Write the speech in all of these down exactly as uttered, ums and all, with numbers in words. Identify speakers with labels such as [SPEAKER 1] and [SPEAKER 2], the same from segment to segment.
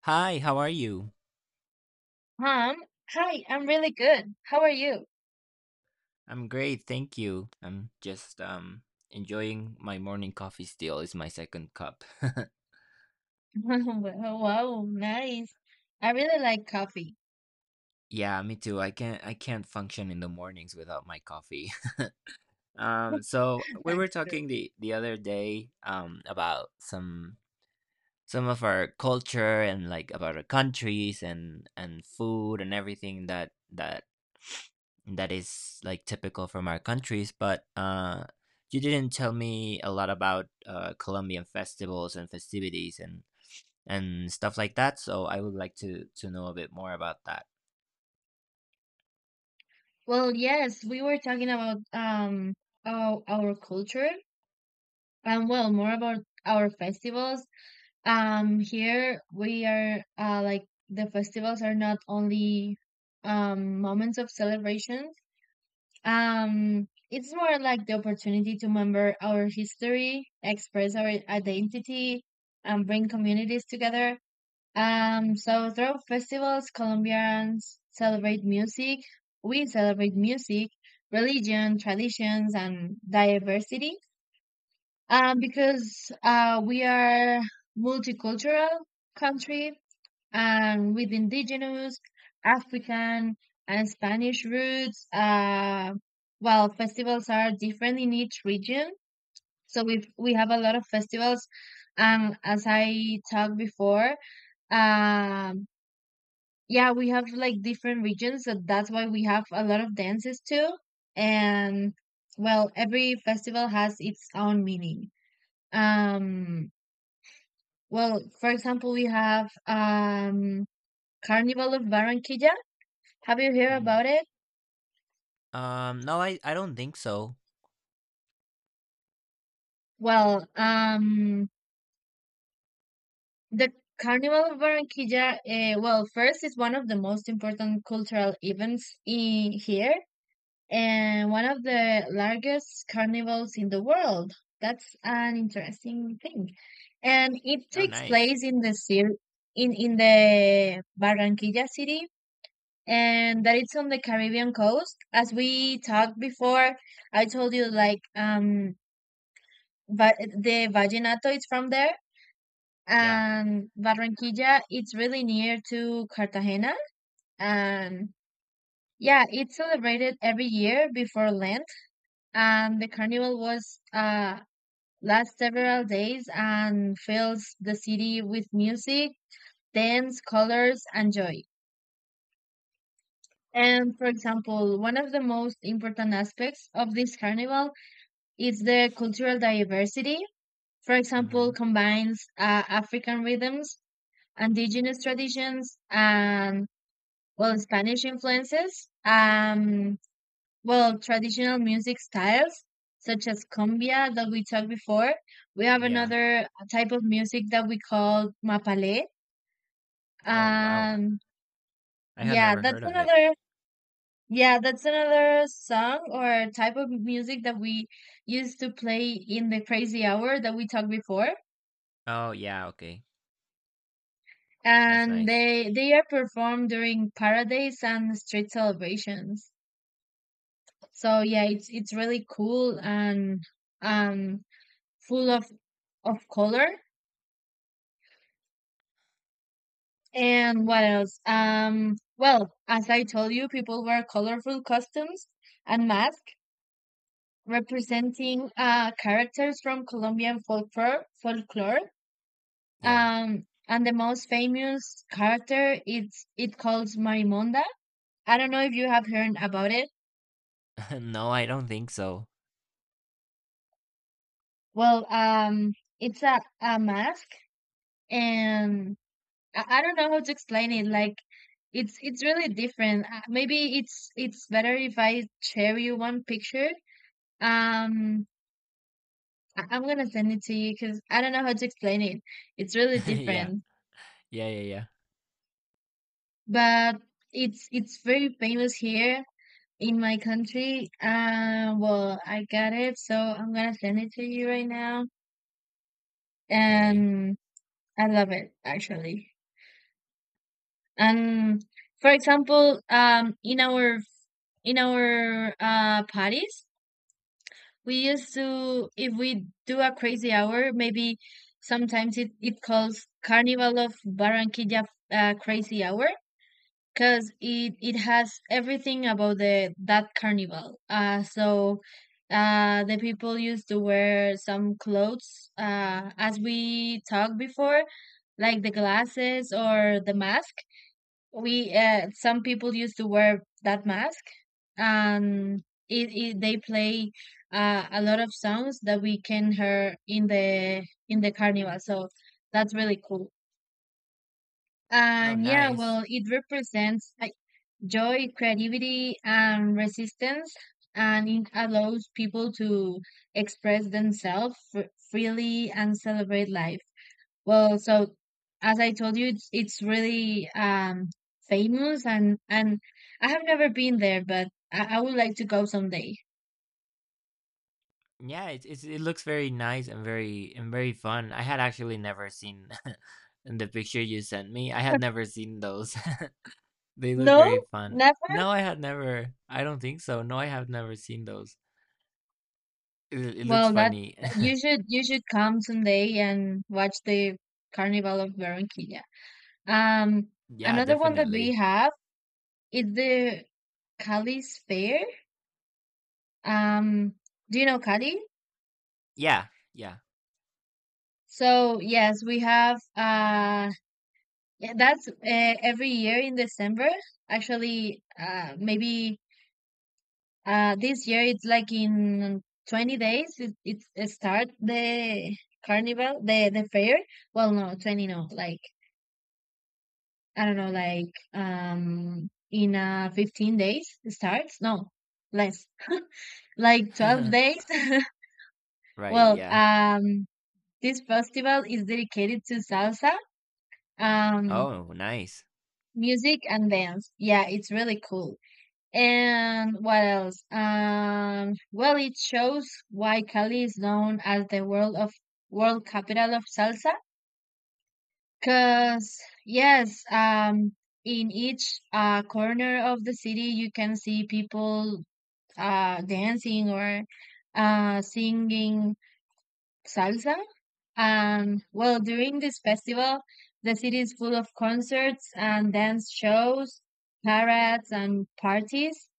[SPEAKER 1] Hi, how are you?
[SPEAKER 2] Hi, I'm- hi, I'm really good. How are you?
[SPEAKER 1] I'm great, thank you. I'm just um enjoying my morning coffee still. It's my second cup.
[SPEAKER 2] Wow, nice. I really like coffee.
[SPEAKER 1] Yeah, me too. I can't I can't function in the mornings without my coffee. Um so we were
[SPEAKER 2] That's true.
[SPEAKER 1] talking the the other day um about some some of our culture and like about our countries and and food and everything that that that is like typical from our countries but uh you didn't tell me a lot about uh colombian festivals and festivities and and stuff like that, so I would like to to know a bit more about that.
[SPEAKER 2] Well, yes, we were talking about um our, our culture and, well, more about our festivals. Um, here we are uh like the festivals are not only um moments of celebration. Um, it's more like the opportunity to remember our history, express our identity, and bring communities together. Um, so through festivals, Colombians celebrate music. We celebrate music, religion, traditions, and diversity. Um, because uh, we are multicultural country, and with indigenous, African and Spanish roots. Uh, well, festivals are different in each region, so we we have a lot of festivals. And as I talked before, um, yeah, we have like different regions, so that's why we have a lot of dances too. And, well, every festival has its own meaning. Um, well, for example, we have, um, Carnival of Barranquilla. Have you heard
[SPEAKER 1] Mm.
[SPEAKER 2] about it?
[SPEAKER 1] Um no, i i don't think so.
[SPEAKER 2] Well, um, the Carnival of Barranquilla, uh, well, first is one of the most important cultural events in here and one of the largest carnivals in the world. That's an interesting thing. And it
[SPEAKER 1] Oh,
[SPEAKER 2] takes
[SPEAKER 1] nice.
[SPEAKER 2] place in the cir- in in the Barranquilla city, and that it's on the Caribbean coast. As we talked before, I told you like um but the vallenato is from there,
[SPEAKER 1] Yeah.
[SPEAKER 2] and Barranquilla it's really near to Cartagena. And yeah, it's celebrated every year before Lent, and the carnival was uh lasts several days and fills the city with music, dance, colors and joy. And for example, one of the most important aspects of this carnival is the cultural diversity. For
[SPEAKER 1] Mm-hmm.
[SPEAKER 2] example, combines uh, African rhythms, indigenous traditions and, well, Spanish influences. Um, well, traditional music styles such as cumbia that we talked before. We have
[SPEAKER 1] Yeah.
[SPEAKER 2] another type of music that we call mapalé.
[SPEAKER 1] Oh wow, i
[SPEAKER 2] Um,
[SPEAKER 1] I had
[SPEAKER 2] yeah,
[SPEAKER 1] never
[SPEAKER 2] that's
[SPEAKER 1] heard of it.
[SPEAKER 2] another. Yeah, that's another song or type of music that we used to play in the crazy hour that we talked before.
[SPEAKER 1] Oh yeah, okay. That's
[SPEAKER 2] And
[SPEAKER 1] nice.
[SPEAKER 2] they they are performed during parades and street celebrations. So yeah, it's it's really cool and um full of of color. And what else? Um well, as I told you, people wear colorful costumes and masks representing uh characters from Colombian folklore folklore.
[SPEAKER 1] Yeah.
[SPEAKER 2] Um and the most famous character, it's it calls Marimonda. I don't know if you have heard about it.
[SPEAKER 1] No, I don't think so.
[SPEAKER 2] Well, um it's a, a mask, and I, I don't know how to explain it. Like it's it's really different. Uh, maybe it's it's better if I share you one picture. Um, I, I'm gonna send it to you because I don't know how to explain it. It's really
[SPEAKER 1] Yeah.
[SPEAKER 2] different,
[SPEAKER 1] Yeah, yeah, yeah.
[SPEAKER 2] but it's it's very famous here in my country. Uh, well, I got it, so I'm gonna send it to you right now.
[SPEAKER 1] Okay.
[SPEAKER 2] And I love it actually. And for example, um, in our in our uh parties, we used to, if we do a crazy hour, maybe sometimes it, it calls Carnival of Barranquilla, uh, Crazy Hour, because it, it has everything about the that carnival. Uh, so uh, the people used to wear some clothes, uh, as we talked before, like the glasses or the mask. We uh, some people used to wear that mask, and it, it they play uh, a lot of songs that we can hear in the in the carnival. So that's really cool,
[SPEAKER 1] Oh,
[SPEAKER 2] and yeah,
[SPEAKER 1] nice.
[SPEAKER 2] well, it represents like joy, creativity and resistance, and it allows people to express themselves fr- freely and celebrate life. Well, so as I told you, it's it's really um famous, and and I have never been there, but I, I would like to go someday.
[SPEAKER 1] Yeah, it's, it's it looks very nice and very and very fun. I had actually never seen in the picture you sent me. I had never seen those. They look
[SPEAKER 2] No,
[SPEAKER 1] very fun.
[SPEAKER 2] never.
[SPEAKER 1] No, I had never. I don't think so. No, I have never seen those. It, it looks
[SPEAKER 2] Well, that
[SPEAKER 1] funny.
[SPEAKER 2] you should you should come someday and watch the Carnival of Barranquilla. Um,
[SPEAKER 1] Yeah,
[SPEAKER 2] Another one that we
[SPEAKER 1] definitely.
[SPEAKER 2] have is the Cali's Fair. Um, do you know Cali?
[SPEAKER 1] Yeah, yeah.
[SPEAKER 2] So yes, we have. Uh, Yeah, that's uh, every year in December. Actually, uh, maybe uh, this year it's like in twenty days it, it it start the carnival, the the fair. Well, no, twenty, no, like I don't know, like um in uh fifteen days it starts. No, less. Like twelve days.
[SPEAKER 1] Right,
[SPEAKER 2] Well,
[SPEAKER 1] yeah.
[SPEAKER 2] um this festival is dedicated to salsa, um
[SPEAKER 1] Oh, nice.
[SPEAKER 2] music and dance. Yeah, it's really cool. And what else? Um, well, it shows why Cali is known as the world of world capital of salsa. Cause yes, um, in each uh, corner of the city, you can see people uh, dancing or uh, singing salsa. Um, well, during this festival, the city is full of concerts and dance shows, parades and parties.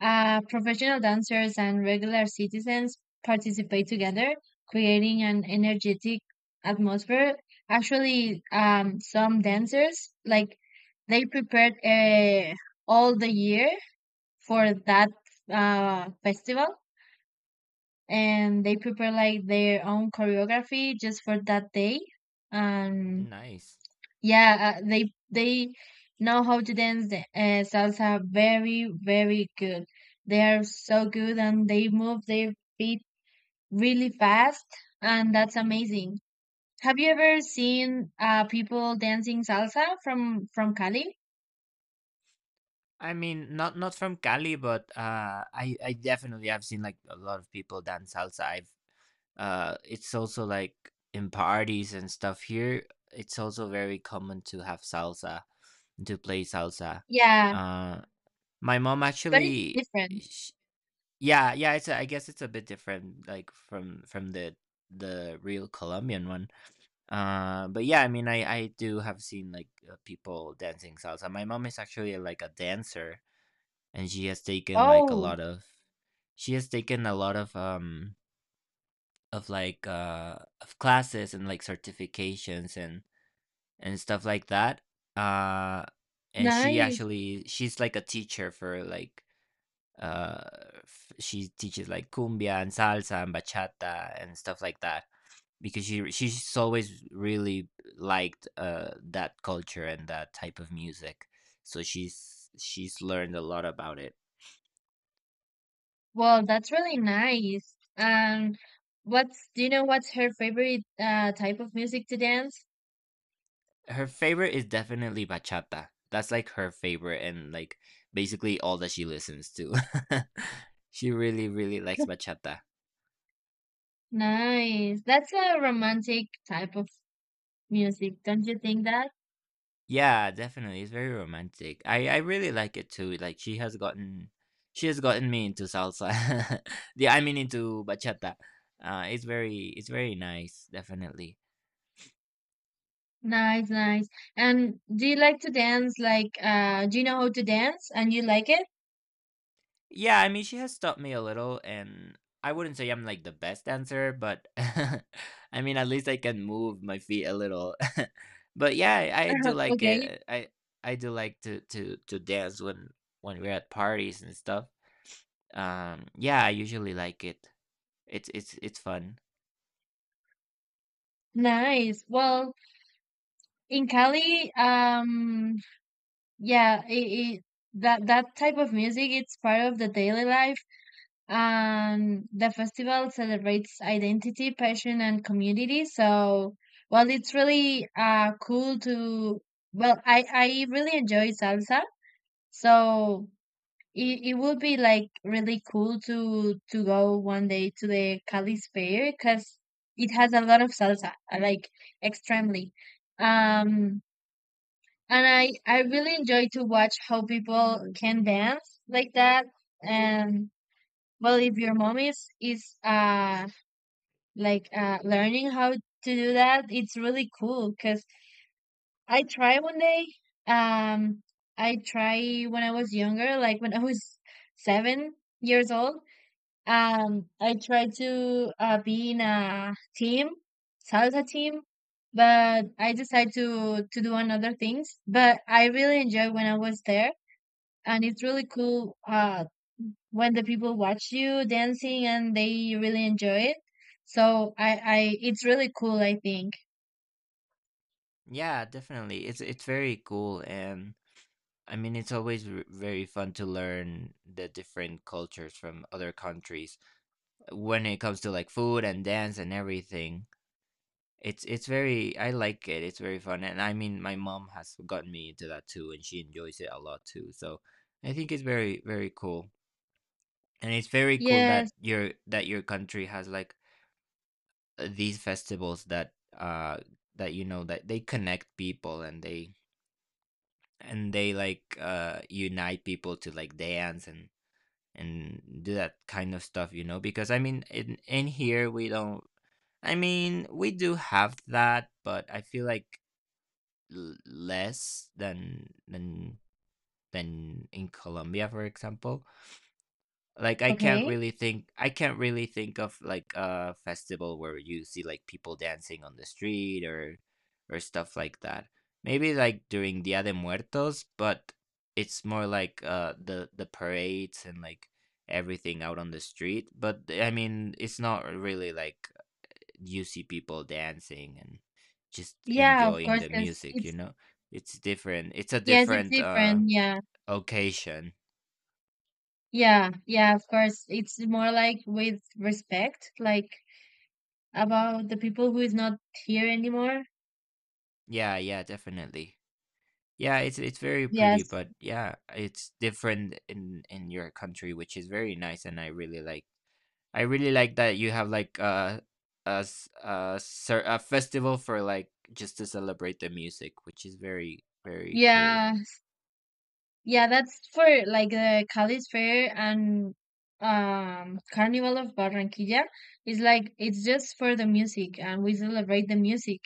[SPEAKER 2] Uh, professional dancers and regular citizens participate together, creating an energetic atmosphere. Actually, um, some dancers, like, they prepared uh, all the year for that uh, festival, and they prepare like their own choreography just for that day. And
[SPEAKER 1] Nice.
[SPEAKER 2] yeah, uh, they they know how to dance the- uh, salsa very very good. They are so good, and they move their feet really fast, and that's amazing. Have you ever seen uh people dancing salsa from from Cali?
[SPEAKER 1] I mean, not not from Cali, but uh, I I definitely have seen like a lot of people dance salsa. I've uh, it's also like in parties and stuff here. It's also very common to have salsa to play salsa.
[SPEAKER 2] Yeah,
[SPEAKER 1] Uh, my mom
[SPEAKER 2] but it's
[SPEAKER 1] actually,
[SPEAKER 2] different.
[SPEAKER 1] sh yeah, yeah. It's a, I guess it's a bit different, like from from the the real Colombian one. Uh, but yeah, I mean, I I do have seen like uh, people dancing salsa. My mom is actually like a dancer and she has taken like a
[SPEAKER 2] Oh,
[SPEAKER 1] lot of she has taken a lot of um of like uh of classes and like certifications and and stuff like that. uh and she
[SPEAKER 2] nice.
[SPEAKER 1] actually she's like a teacher for like uh f- she teaches like cumbia and salsa and bachata and stuff like that because she she's always really liked uh that culture and that type of music, so she's she's learned a lot about it.
[SPEAKER 2] Well, that's really nice. Um, what's do you know what's her favorite uh type of music to dance?
[SPEAKER 1] Her favorite is definitely bachata. That's like her favorite and like basically all that she listens to. She really really likes bachata.
[SPEAKER 2] Nice. That's a romantic type of music, don't you think that?
[SPEAKER 1] Yeah, definitely. It's very romantic. I I really like it too. Like she has gotten she has gotten me into salsa. yeah, I mean into bachata. Uh it's very it's very nice, definitely.
[SPEAKER 2] Nice, nice. And do you like to dance like uh do you know how to dance and you like it?
[SPEAKER 1] Yeah, I mean, she has taught me a little, and I wouldn't say I'm like the best dancer, but I mean, at least I can move my feet a little. But yeah, I, I do like
[SPEAKER 2] Okay.
[SPEAKER 1] it. I I do like to to to dance when when we're at parties and stuff. Um, yeah, I usually like it. It's it's it's fun.
[SPEAKER 2] Nice. Well, in Cali, um yeah, it, it that that type of music it's part of the daily life, and the festival celebrates identity, passion, and community. So, well, it's really uh cool to, well, I I really enjoy salsa. So it it would be like really cool to to go one day to the Cali Fair because it has a lot of salsa, uh, like, extremely. Um, and I I really enjoy to watch how people can dance like that. And, well, if your mom is is uh like uh learning how to do that, it's really cool because I try one day. Um, I try when I was younger, like when I was seven years old. Um, I tried to uh, be in a team, salsa team, but I decided to to do another things. But I really enjoyed when I was there, and it's really cool. Uh, when the people watch you dancing and they really enjoy it. So I, I, it's really cool, I think.
[SPEAKER 1] Yeah, definitely. It's it's very cool, and I mean, it's always r- very fun to learn the different cultures from other countries, when it comes to like food and dance and everything. It's it's very I like it. It's very fun, and I mean my mom has gotten me into that too, and she enjoys it a lot too. So I think it's very very cool, and it's very cool
[SPEAKER 2] Yes.
[SPEAKER 1] that your that your country has like uh, these festivals that uh that you know that they connect people and they and they like uh unite people to like dance and and do that kind of stuff, you know because I mean in in here we don't, I mean, we do have that, but I feel like l- less than than than in Colombia, for example. Like I can't
[SPEAKER 2] Okay.
[SPEAKER 1] really think I can't really think of like a festival where you see like people dancing on the street or or stuff like that. Maybe like during Dia de Muertos, but it's more like uh the the parades and like everything out on the street. But I mean, it's not really like you see people dancing and just
[SPEAKER 2] Yeah, of
[SPEAKER 1] enjoying
[SPEAKER 2] course,
[SPEAKER 1] the
[SPEAKER 2] 'cause
[SPEAKER 1] music, you
[SPEAKER 2] it's,
[SPEAKER 1] know it's different, it's a
[SPEAKER 2] yes, it's
[SPEAKER 1] different uh
[SPEAKER 2] different. Yeah.
[SPEAKER 1] occasion.
[SPEAKER 2] Yeah. Yeah, of course. It's more like with respect, like about the people who is not here anymore.
[SPEAKER 1] Yeah, yeah, definitely. Yeah, it's it's very pretty,
[SPEAKER 2] Yes.
[SPEAKER 1] but yeah, it's different in in your country, which is very nice, and I really like I really like that you have like uh a, s- a, cer- a festival for like just to celebrate the music, which is very very cool.
[SPEAKER 2] Yeah. Yeah, that's for like the Cali Fair and um Carnival of Barranquilla. It's like it's just for the music, and we celebrate the music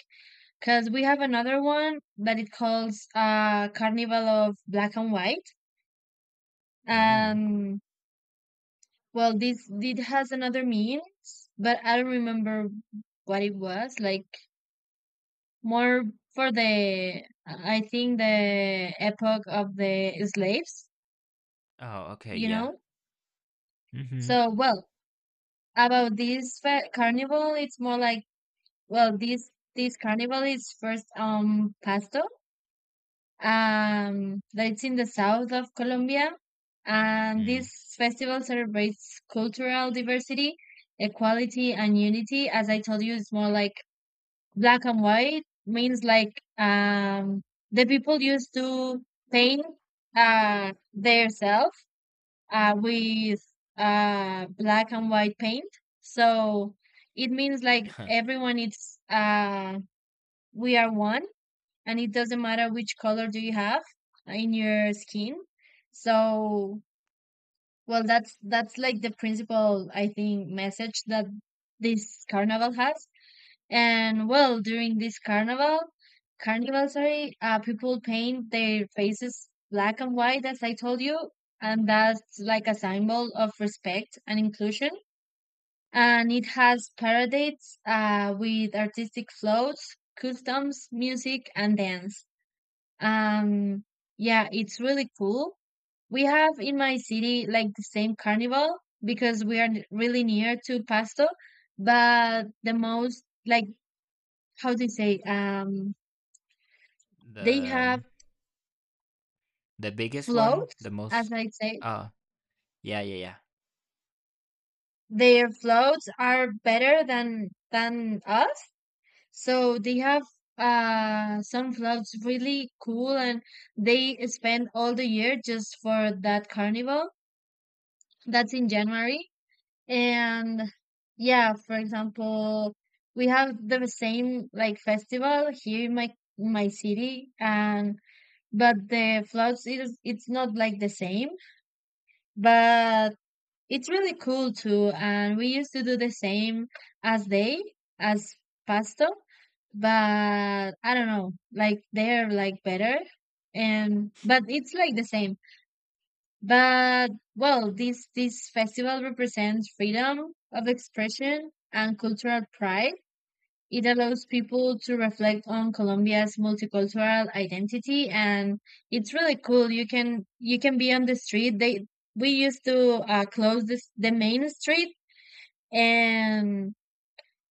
[SPEAKER 2] because we have another one that it calls uh Carnival of Black and White.
[SPEAKER 1] Mm.
[SPEAKER 2] Um well, this it has another means, but I don't remember what it was. Like more for the, I think, the epoch of the slaves,
[SPEAKER 1] Oh okay,
[SPEAKER 2] you
[SPEAKER 1] yeah.
[SPEAKER 2] know?
[SPEAKER 1] Hmm.
[SPEAKER 2] So, well, about this fe- carnival it's more like, well, this this carnival is first um Pasto, um that's in the south of Colombia, and this
[SPEAKER 1] Mm.
[SPEAKER 2] festival celebrates cultural diversity, equality and unity. As I told you, it's more like black and white means like um the people used to paint uh their self uh, with uh, black and white paint. So it means like everyone is uh, we are one, and it doesn't matter which color do you have in your skin. So, well, that's that's like the principal, I think, message that this carnival has. And, well, during this carnival, carnival, sorry, uh, people paint their faces black and white, as I told you, and that's like a symbol of respect and inclusion. And it has parades uh, with artistic floats, customs, music, and dance. Um, yeah, it's really cool. We have in my city like the same carnival because we are n- really near to Pasto, but the most like, how do you say, um they
[SPEAKER 1] the
[SPEAKER 2] have
[SPEAKER 1] um, The biggest one,
[SPEAKER 2] floats,
[SPEAKER 1] the
[SPEAKER 2] as
[SPEAKER 1] most.
[SPEAKER 2] I say,
[SPEAKER 1] Oh, yeah, yeah, yeah.
[SPEAKER 2] their floats are better than than us. So they have uh some floats really cool, and they spend all the year just for that carnival. That's in January. And yeah, for example, we have the same like festival here in my my city, and but the floats is it's not like the same. But it's really cool too, and we used to do the same as they, as Pasto, but I don't know, like they're like better, and but it's like the same. But, well, this this festival represents freedom of expression and cultural pride. It allows people to reflect on Colombia's multicultural identity, and it's really cool. You can you can be on the street. They we used to uh, close this, the main street. And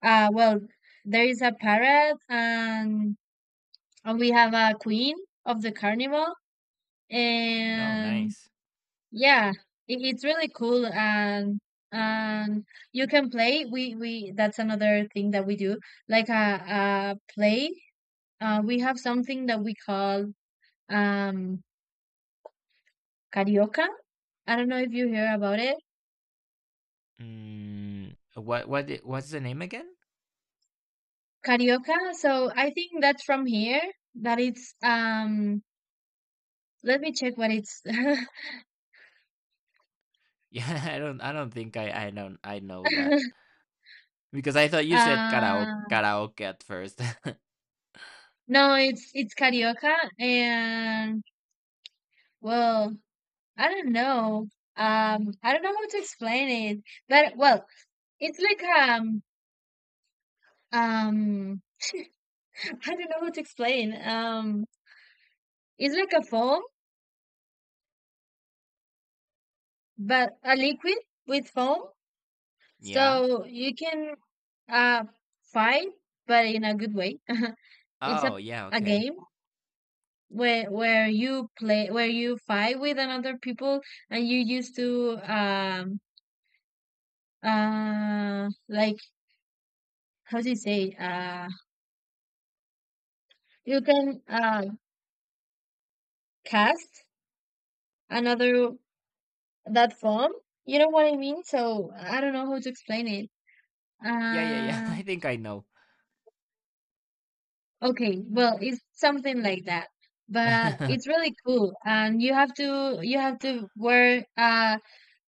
[SPEAKER 2] uh well there is a parrot, and and we have a queen of the carnival.
[SPEAKER 1] Oh,
[SPEAKER 2] And
[SPEAKER 1] nice.
[SPEAKER 2] yeah, it, it's really cool. And and you can play. We we that's another thing that we do, like a, a play. Uh we have something that we call um carioca. I don't know if you hear about it.
[SPEAKER 1] Mm, what what i- what's the name again?
[SPEAKER 2] Carioca, so I think that's from here, that it's um let me check what it's.
[SPEAKER 1] Yeah, I don't I don't think I I don't I know that because I thought you said karaoke
[SPEAKER 2] Uh,
[SPEAKER 1] karaoke at first.
[SPEAKER 2] no, it's it's Carioca, and well, I don't know. Um, I don't know how to explain it, but well, it's like um um I don't know how to explain. Um, it's like a foam, but a liquid with foam,
[SPEAKER 1] Yeah.
[SPEAKER 2] so you can uh fight, but in a good way. It's a
[SPEAKER 1] Oh, yeah.
[SPEAKER 2] a
[SPEAKER 1] Okay.
[SPEAKER 2] game where where you play, where you fight with another people. And you used to um uh like, how do you say, uh you can uh cast another, that form. You know what I mean? So I don't know how to explain it.
[SPEAKER 1] Yeah, yeah, yeah.
[SPEAKER 2] Uh,
[SPEAKER 1] I think I know.
[SPEAKER 2] okay, well, it's something like that. But it's really cool, and you have to you have to wear uh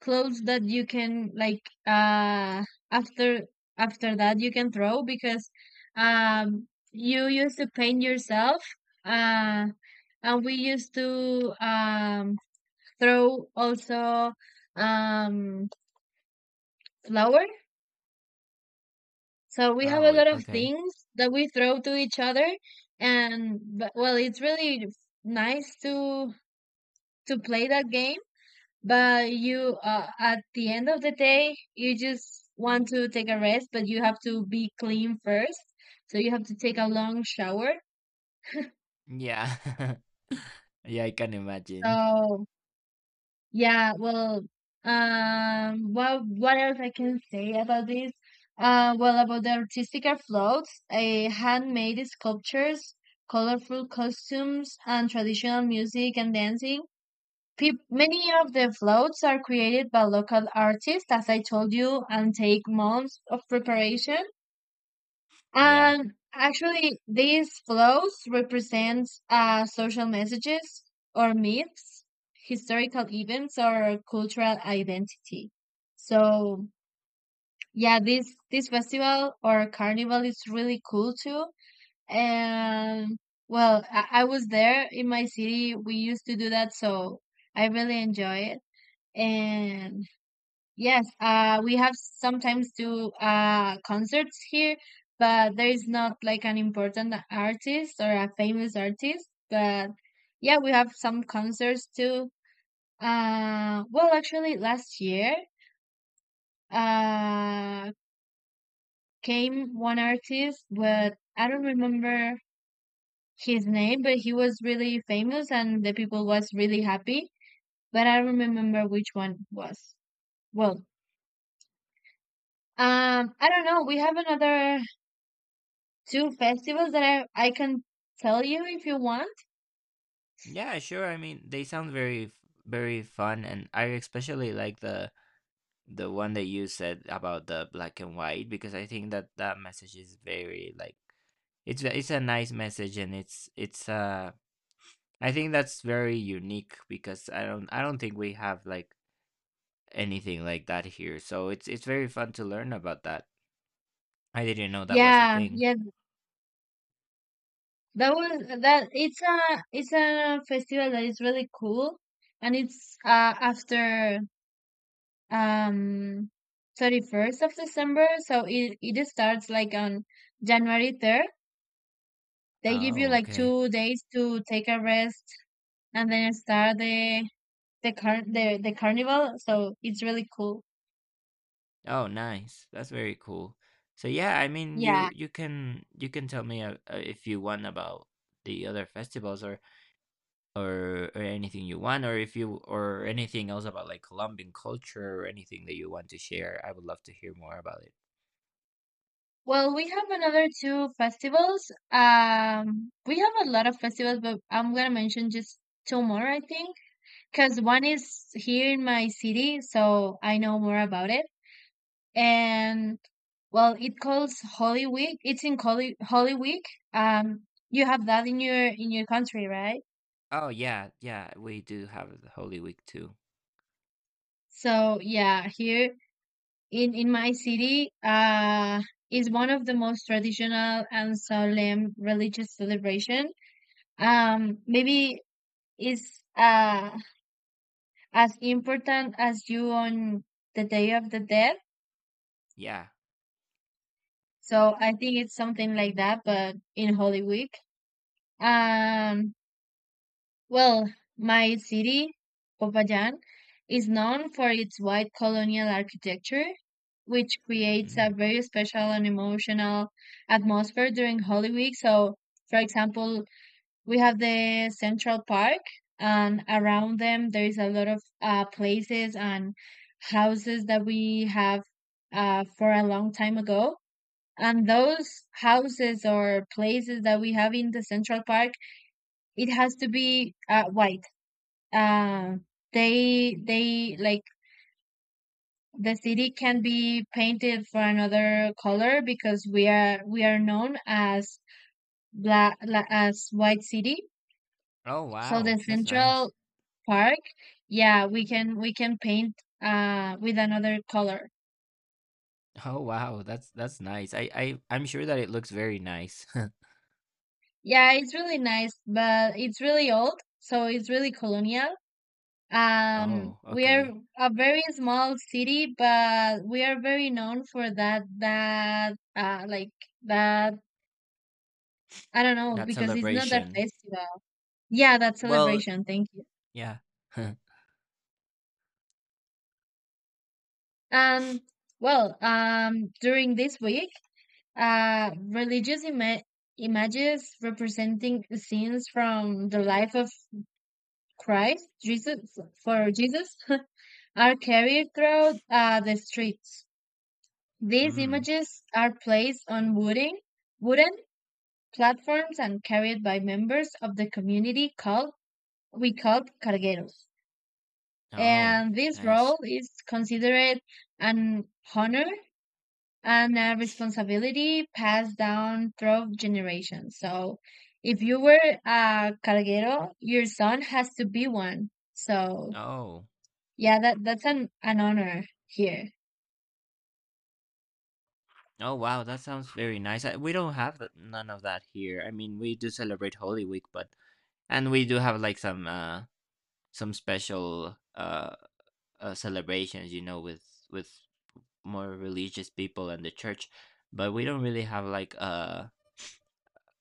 [SPEAKER 2] clothes that you can, like, uh after after that you can throw. Because um you used to paint yourself. uh. And we used to um, throw also um, flour. So we have
[SPEAKER 1] Oh,
[SPEAKER 2] a lot
[SPEAKER 1] wait,
[SPEAKER 2] of
[SPEAKER 1] okay.
[SPEAKER 2] things that we throw to each other. And But, well, it's really nice to to play that game. But you, uh, at the end of the day, you just want to take a rest, but you have to be clean first. So you have to take a long shower.
[SPEAKER 1] Yeah. Yeah, I can imagine.
[SPEAKER 2] So, yeah, well, um, what what else I can say about this? Uh, well, about the artistic afloats, uh, handmade sculptures, colorful costumes, and traditional music and dancing. Peop Many of the floats are created by local artists, as I told you, and take months of preparation.
[SPEAKER 1] Yeah.
[SPEAKER 2] Um, actually, these flows represent uh, social messages, or myths, historical events, or cultural identity. So, yeah, this this festival or carnival is really cool too. And well, I, I was there in my city. We used to do that, so I really enjoy it. And yes, uh, we have sometimes do uh, concerts here, but there is not like an important artist or a famous artist. But yeah, we have some concerts too. Uh, well, actually, last year uh, came one artist, but I don't remember his name, but he was really famous and the people was really happy. But I don't remember which one was. Well, um, I don't know. We have another two festivals that I I can tell you if you want.
[SPEAKER 1] Yeah, sure. I mean, they sound very f- very fun, and I especially like the the one that you said about the black and white, because I think that that message is very like it's a- it's a nice message and it's it's uh I think that's very unique because i don't I don't think we have like anything like that here, so it's it's very fun to learn about that. I didn't know that was a
[SPEAKER 2] Yeah,
[SPEAKER 1] thing.
[SPEAKER 2] yeah, that was that. It's a it's a festival that is really cool, and it's uh after um thirty first of December, so it it starts like on January third. They give you
[SPEAKER 1] Oh
[SPEAKER 2] like
[SPEAKER 1] okay.
[SPEAKER 2] two days to take a rest, and then start the the car the the carnival. So it's really cool.
[SPEAKER 1] Oh nice, that's very cool. So yeah, I mean,
[SPEAKER 2] Yeah.
[SPEAKER 1] you you can you can tell me uh, uh, if you want about the other festivals or or or anything you want, or if you, or anything else about like colombian culture or anything that you want to share, I would love to hear more about it.
[SPEAKER 2] Well, we have another two festivals. Um, we have a lot of festivals, but I'm gonna mention just two more, I think, because one is here in my city, so I know more about it. And well, it calls Holy Week. It's in Holy Holy Week. Um, you have that in your in your country, right?
[SPEAKER 1] Oh yeah, yeah, we do have the holy week too.
[SPEAKER 2] So yeah, here in in my city, uh, is one of the most traditional and solemn religious celebration. Um, maybe is uh, as important as you on the Day of the Dead.
[SPEAKER 1] Yeah.
[SPEAKER 2] So I think it's something like that, but in Holy Week. Um, well, my city, Popayan, is known for its white colonial architecture, which creates a
[SPEAKER 1] Mm.
[SPEAKER 2] very special and emotional atmosphere during Holy Week. So, for example, we have the Central Park, and around them there is a lot of uh, places and houses that we have, uh, for a long time ago. And those houses or places that we have in the Central Park, it has to be uh, white. Uh, they they, like, the city can be painted for another color, because we are we are known as black la- as white city.
[SPEAKER 1] Oh
[SPEAKER 2] So the
[SPEAKER 1] wow, that's nice.
[SPEAKER 2] central park, yeah, we can we can paint uh with another color.
[SPEAKER 1] Oh wow, that's that's nice. i i I'm sure that it looks very nice.
[SPEAKER 2] Yeah, it's really nice, but it's really old, so it's really colonial. Um,
[SPEAKER 1] Oh
[SPEAKER 2] we are
[SPEAKER 1] okay.
[SPEAKER 2] a very small city, but we are very known for that that uh like, that, I don't know,
[SPEAKER 1] That
[SPEAKER 2] because it's not that
[SPEAKER 1] celebration.
[SPEAKER 2] festival. Yeah, that
[SPEAKER 1] Well,
[SPEAKER 2] celebration. Thank you.
[SPEAKER 1] yeah.
[SPEAKER 2] Um, well, um, during this week. Uh, religious ima- images representing scenes from the life of Christ, Jesus, for Jesus, are carried throughout uh, the streets. These
[SPEAKER 1] Mm.
[SPEAKER 2] images are placed on wooden, wooden platforms and carried by members of the community called we called cargueros.
[SPEAKER 1] Oh,
[SPEAKER 2] And this
[SPEAKER 1] nice.
[SPEAKER 2] role is considered an honor and a responsibility passed down through generations. So if you were a carguero, your son has to be one. So
[SPEAKER 1] Oh.
[SPEAKER 2] yeah, that that's an, an honor here.
[SPEAKER 1] Oh wow, that sounds very nice. I, we don't have th- none of that here. I mean, we do celebrate Holy Week, but, and we do have like some uh some special uh, uh celebrations, you know, with with more religious people and the church, but we don't really have like uh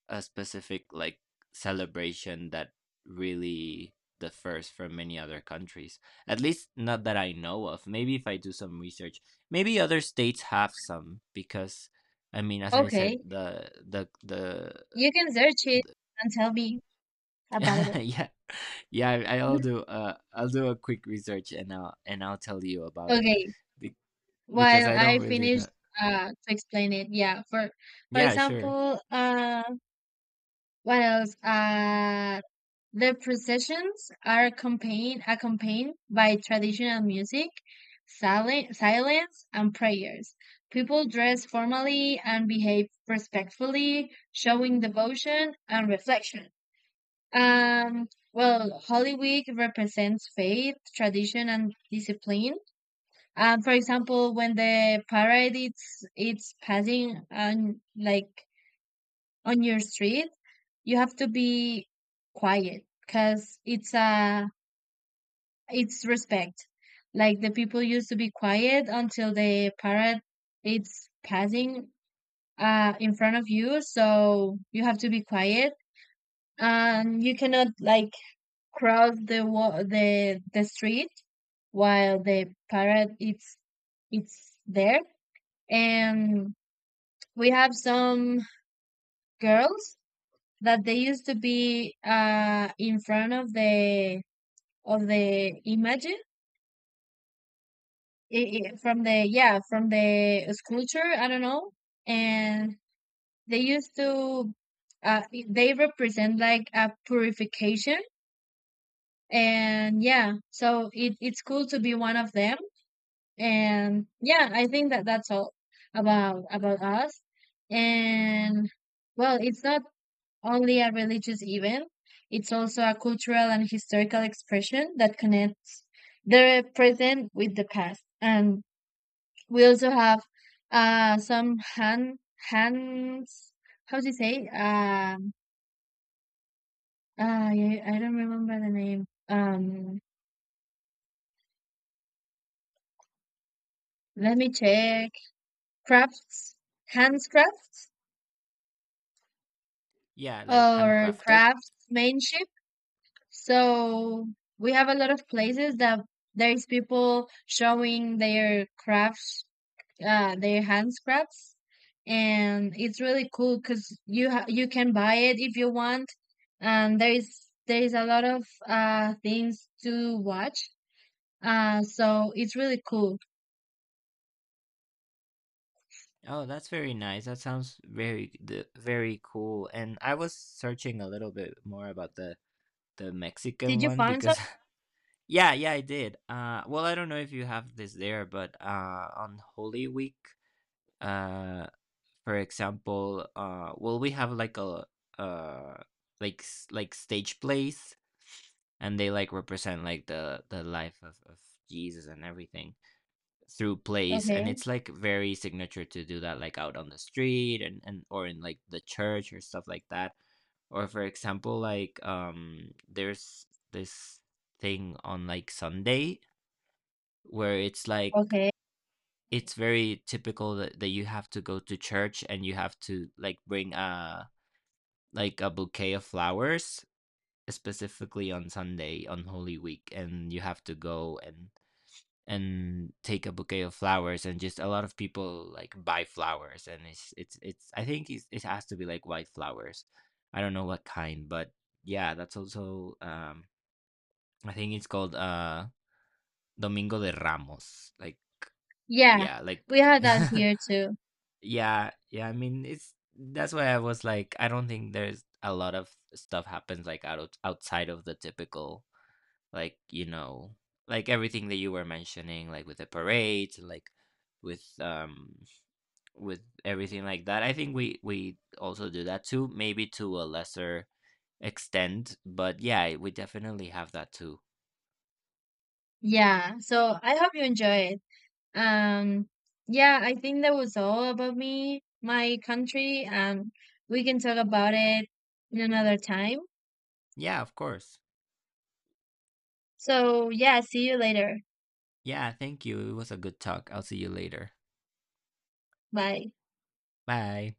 [SPEAKER 1] a specific like celebration that really differs from many other countries. At least not that I know of. Maybe if I do some research, maybe other states have some, because I mean, as I said,
[SPEAKER 2] Okay.
[SPEAKER 1] the the the,
[SPEAKER 2] You can search it
[SPEAKER 1] the
[SPEAKER 2] and tell me about it.
[SPEAKER 1] yeah, yeah, I, I'll do uh I'll do a quick research and I'll and I'll tell you about it.
[SPEAKER 2] Okay.
[SPEAKER 1] Be- because
[SPEAKER 2] While
[SPEAKER 1] I don't
[SPEAKER 2] I
[SPEAKER 1] really
[SPEAKER 2] finish
[SPEAKER 1] know.
[SPEAKER 2] uh to explain it, yeah. For for
[SPEAKER 1] Yeah, sure.
[SPEAKER 2] example, uh what else? Uh The processions are accompanied, accompanied by traditional music, silen- silence, and prayers. People dress formally and behave respectfully, showing devotion and reflection. Um, well, Holy Week represents faith, tradition, and discipline. Um, for example, when the parade it's it's passing, on like, on your street, you have to be quiet because it's a it's respect. Like, the people used to be quiet until the parrot it's passing uh in front of you, so you have to be quiet, and you cannot, like, cross the wa- the the street while the parrot it's it's there. And we have some girls that they used to be uh in front of the of the image. I- i- from the, yeah, from the sculpture, I don't know. And they used to uh, they represent like a purification. And yeah, so it, it's cool to be one of them. And yeah, I think that that's all about about us. And well, it's not only a religious event, it's also a cultural and historical expression that connects the present with the past. And we also have uh some hand hands, how do you say? Um ah yeah, I don't remember the name. Um let me check. Crafts, hands crafts,
[SPEAKER 1] Yeah, like
[SPEAKER 2] or
[SPEAKER 1] handcrafted.
[SPEAKER 2] craftsmanship. So we have a lot of places that there's people showing their crafts, uh, their hand scraps, and it's really cool because you ha- you can buy it if you want, and there is there is a lot of uh things to watch. Uh, so it's really cool.
[SPEAKER 1] Oh, that's very nice. That sounds very the very cool. And I was searching a little bit more about the the
[SPEAKER 2] Did
[SPEAKER 1] Mexican
[SPEAKER 2] you
[SPEAKER 1] one
[SPEAKER 2] find some?
[SPEAKER 1] because yeah, yeah, I did. Uh well, I don't know if you have this there, but uh on Holy Week, uh for example, uh well, we have like a uh like s- like stage plays and they like represent like the the life of of Jesus and everything through plays, and
[SPEAKER 2] Okay,
[SPEAKER 1] it's like very signature to do that like out on the street and, and or in like the church or stuff like that, or for example like um there's this thing on like sunday where it's like
[SPEAKER 2] okay,
[SPEAKER 1] it's very typical that, that you have to go to church and you have to like bring a like a bouquet of flowers specifically on sunday on holy week, and you have to go and and take a bouquet of flowers, and just a lot of people like buy flowers, and it's it's it's I think it's, it has to be like white flowers. I don't know what kind, but yeah, that's also um I think it's called uh domingo de ramos, like
[SPEAKER 2] yeah,
[SPEAKER 1] yeah, like
[SPEAKER 2] we have that here too.
[SPEAKER 1] yeah, yeah, I mean, it's that's why I was like I don't think there's a lot of stuff happens like out outside of the typical. Like, you know, like everything that you were mentioning, like with the parades, and like with um with everything like that. I think we we also do that too, maybe to a lesser extent, but yeah, we definitely have that too.
[SPEAKER 2] Yeah, so I hope you enjoy it. Um, yeah, I think that was all about me, my country. Um, we can talk about it in another time.
[SPEAKER 1] Yeah, of course.
[SPEAKER 2] So, yeah, see you later.
[SPEAKER 1] Yeah, thank you. It was a good talk. I'll see you later.
[SPEAKER 2] Bye.
[SPEAKER 1] Bye.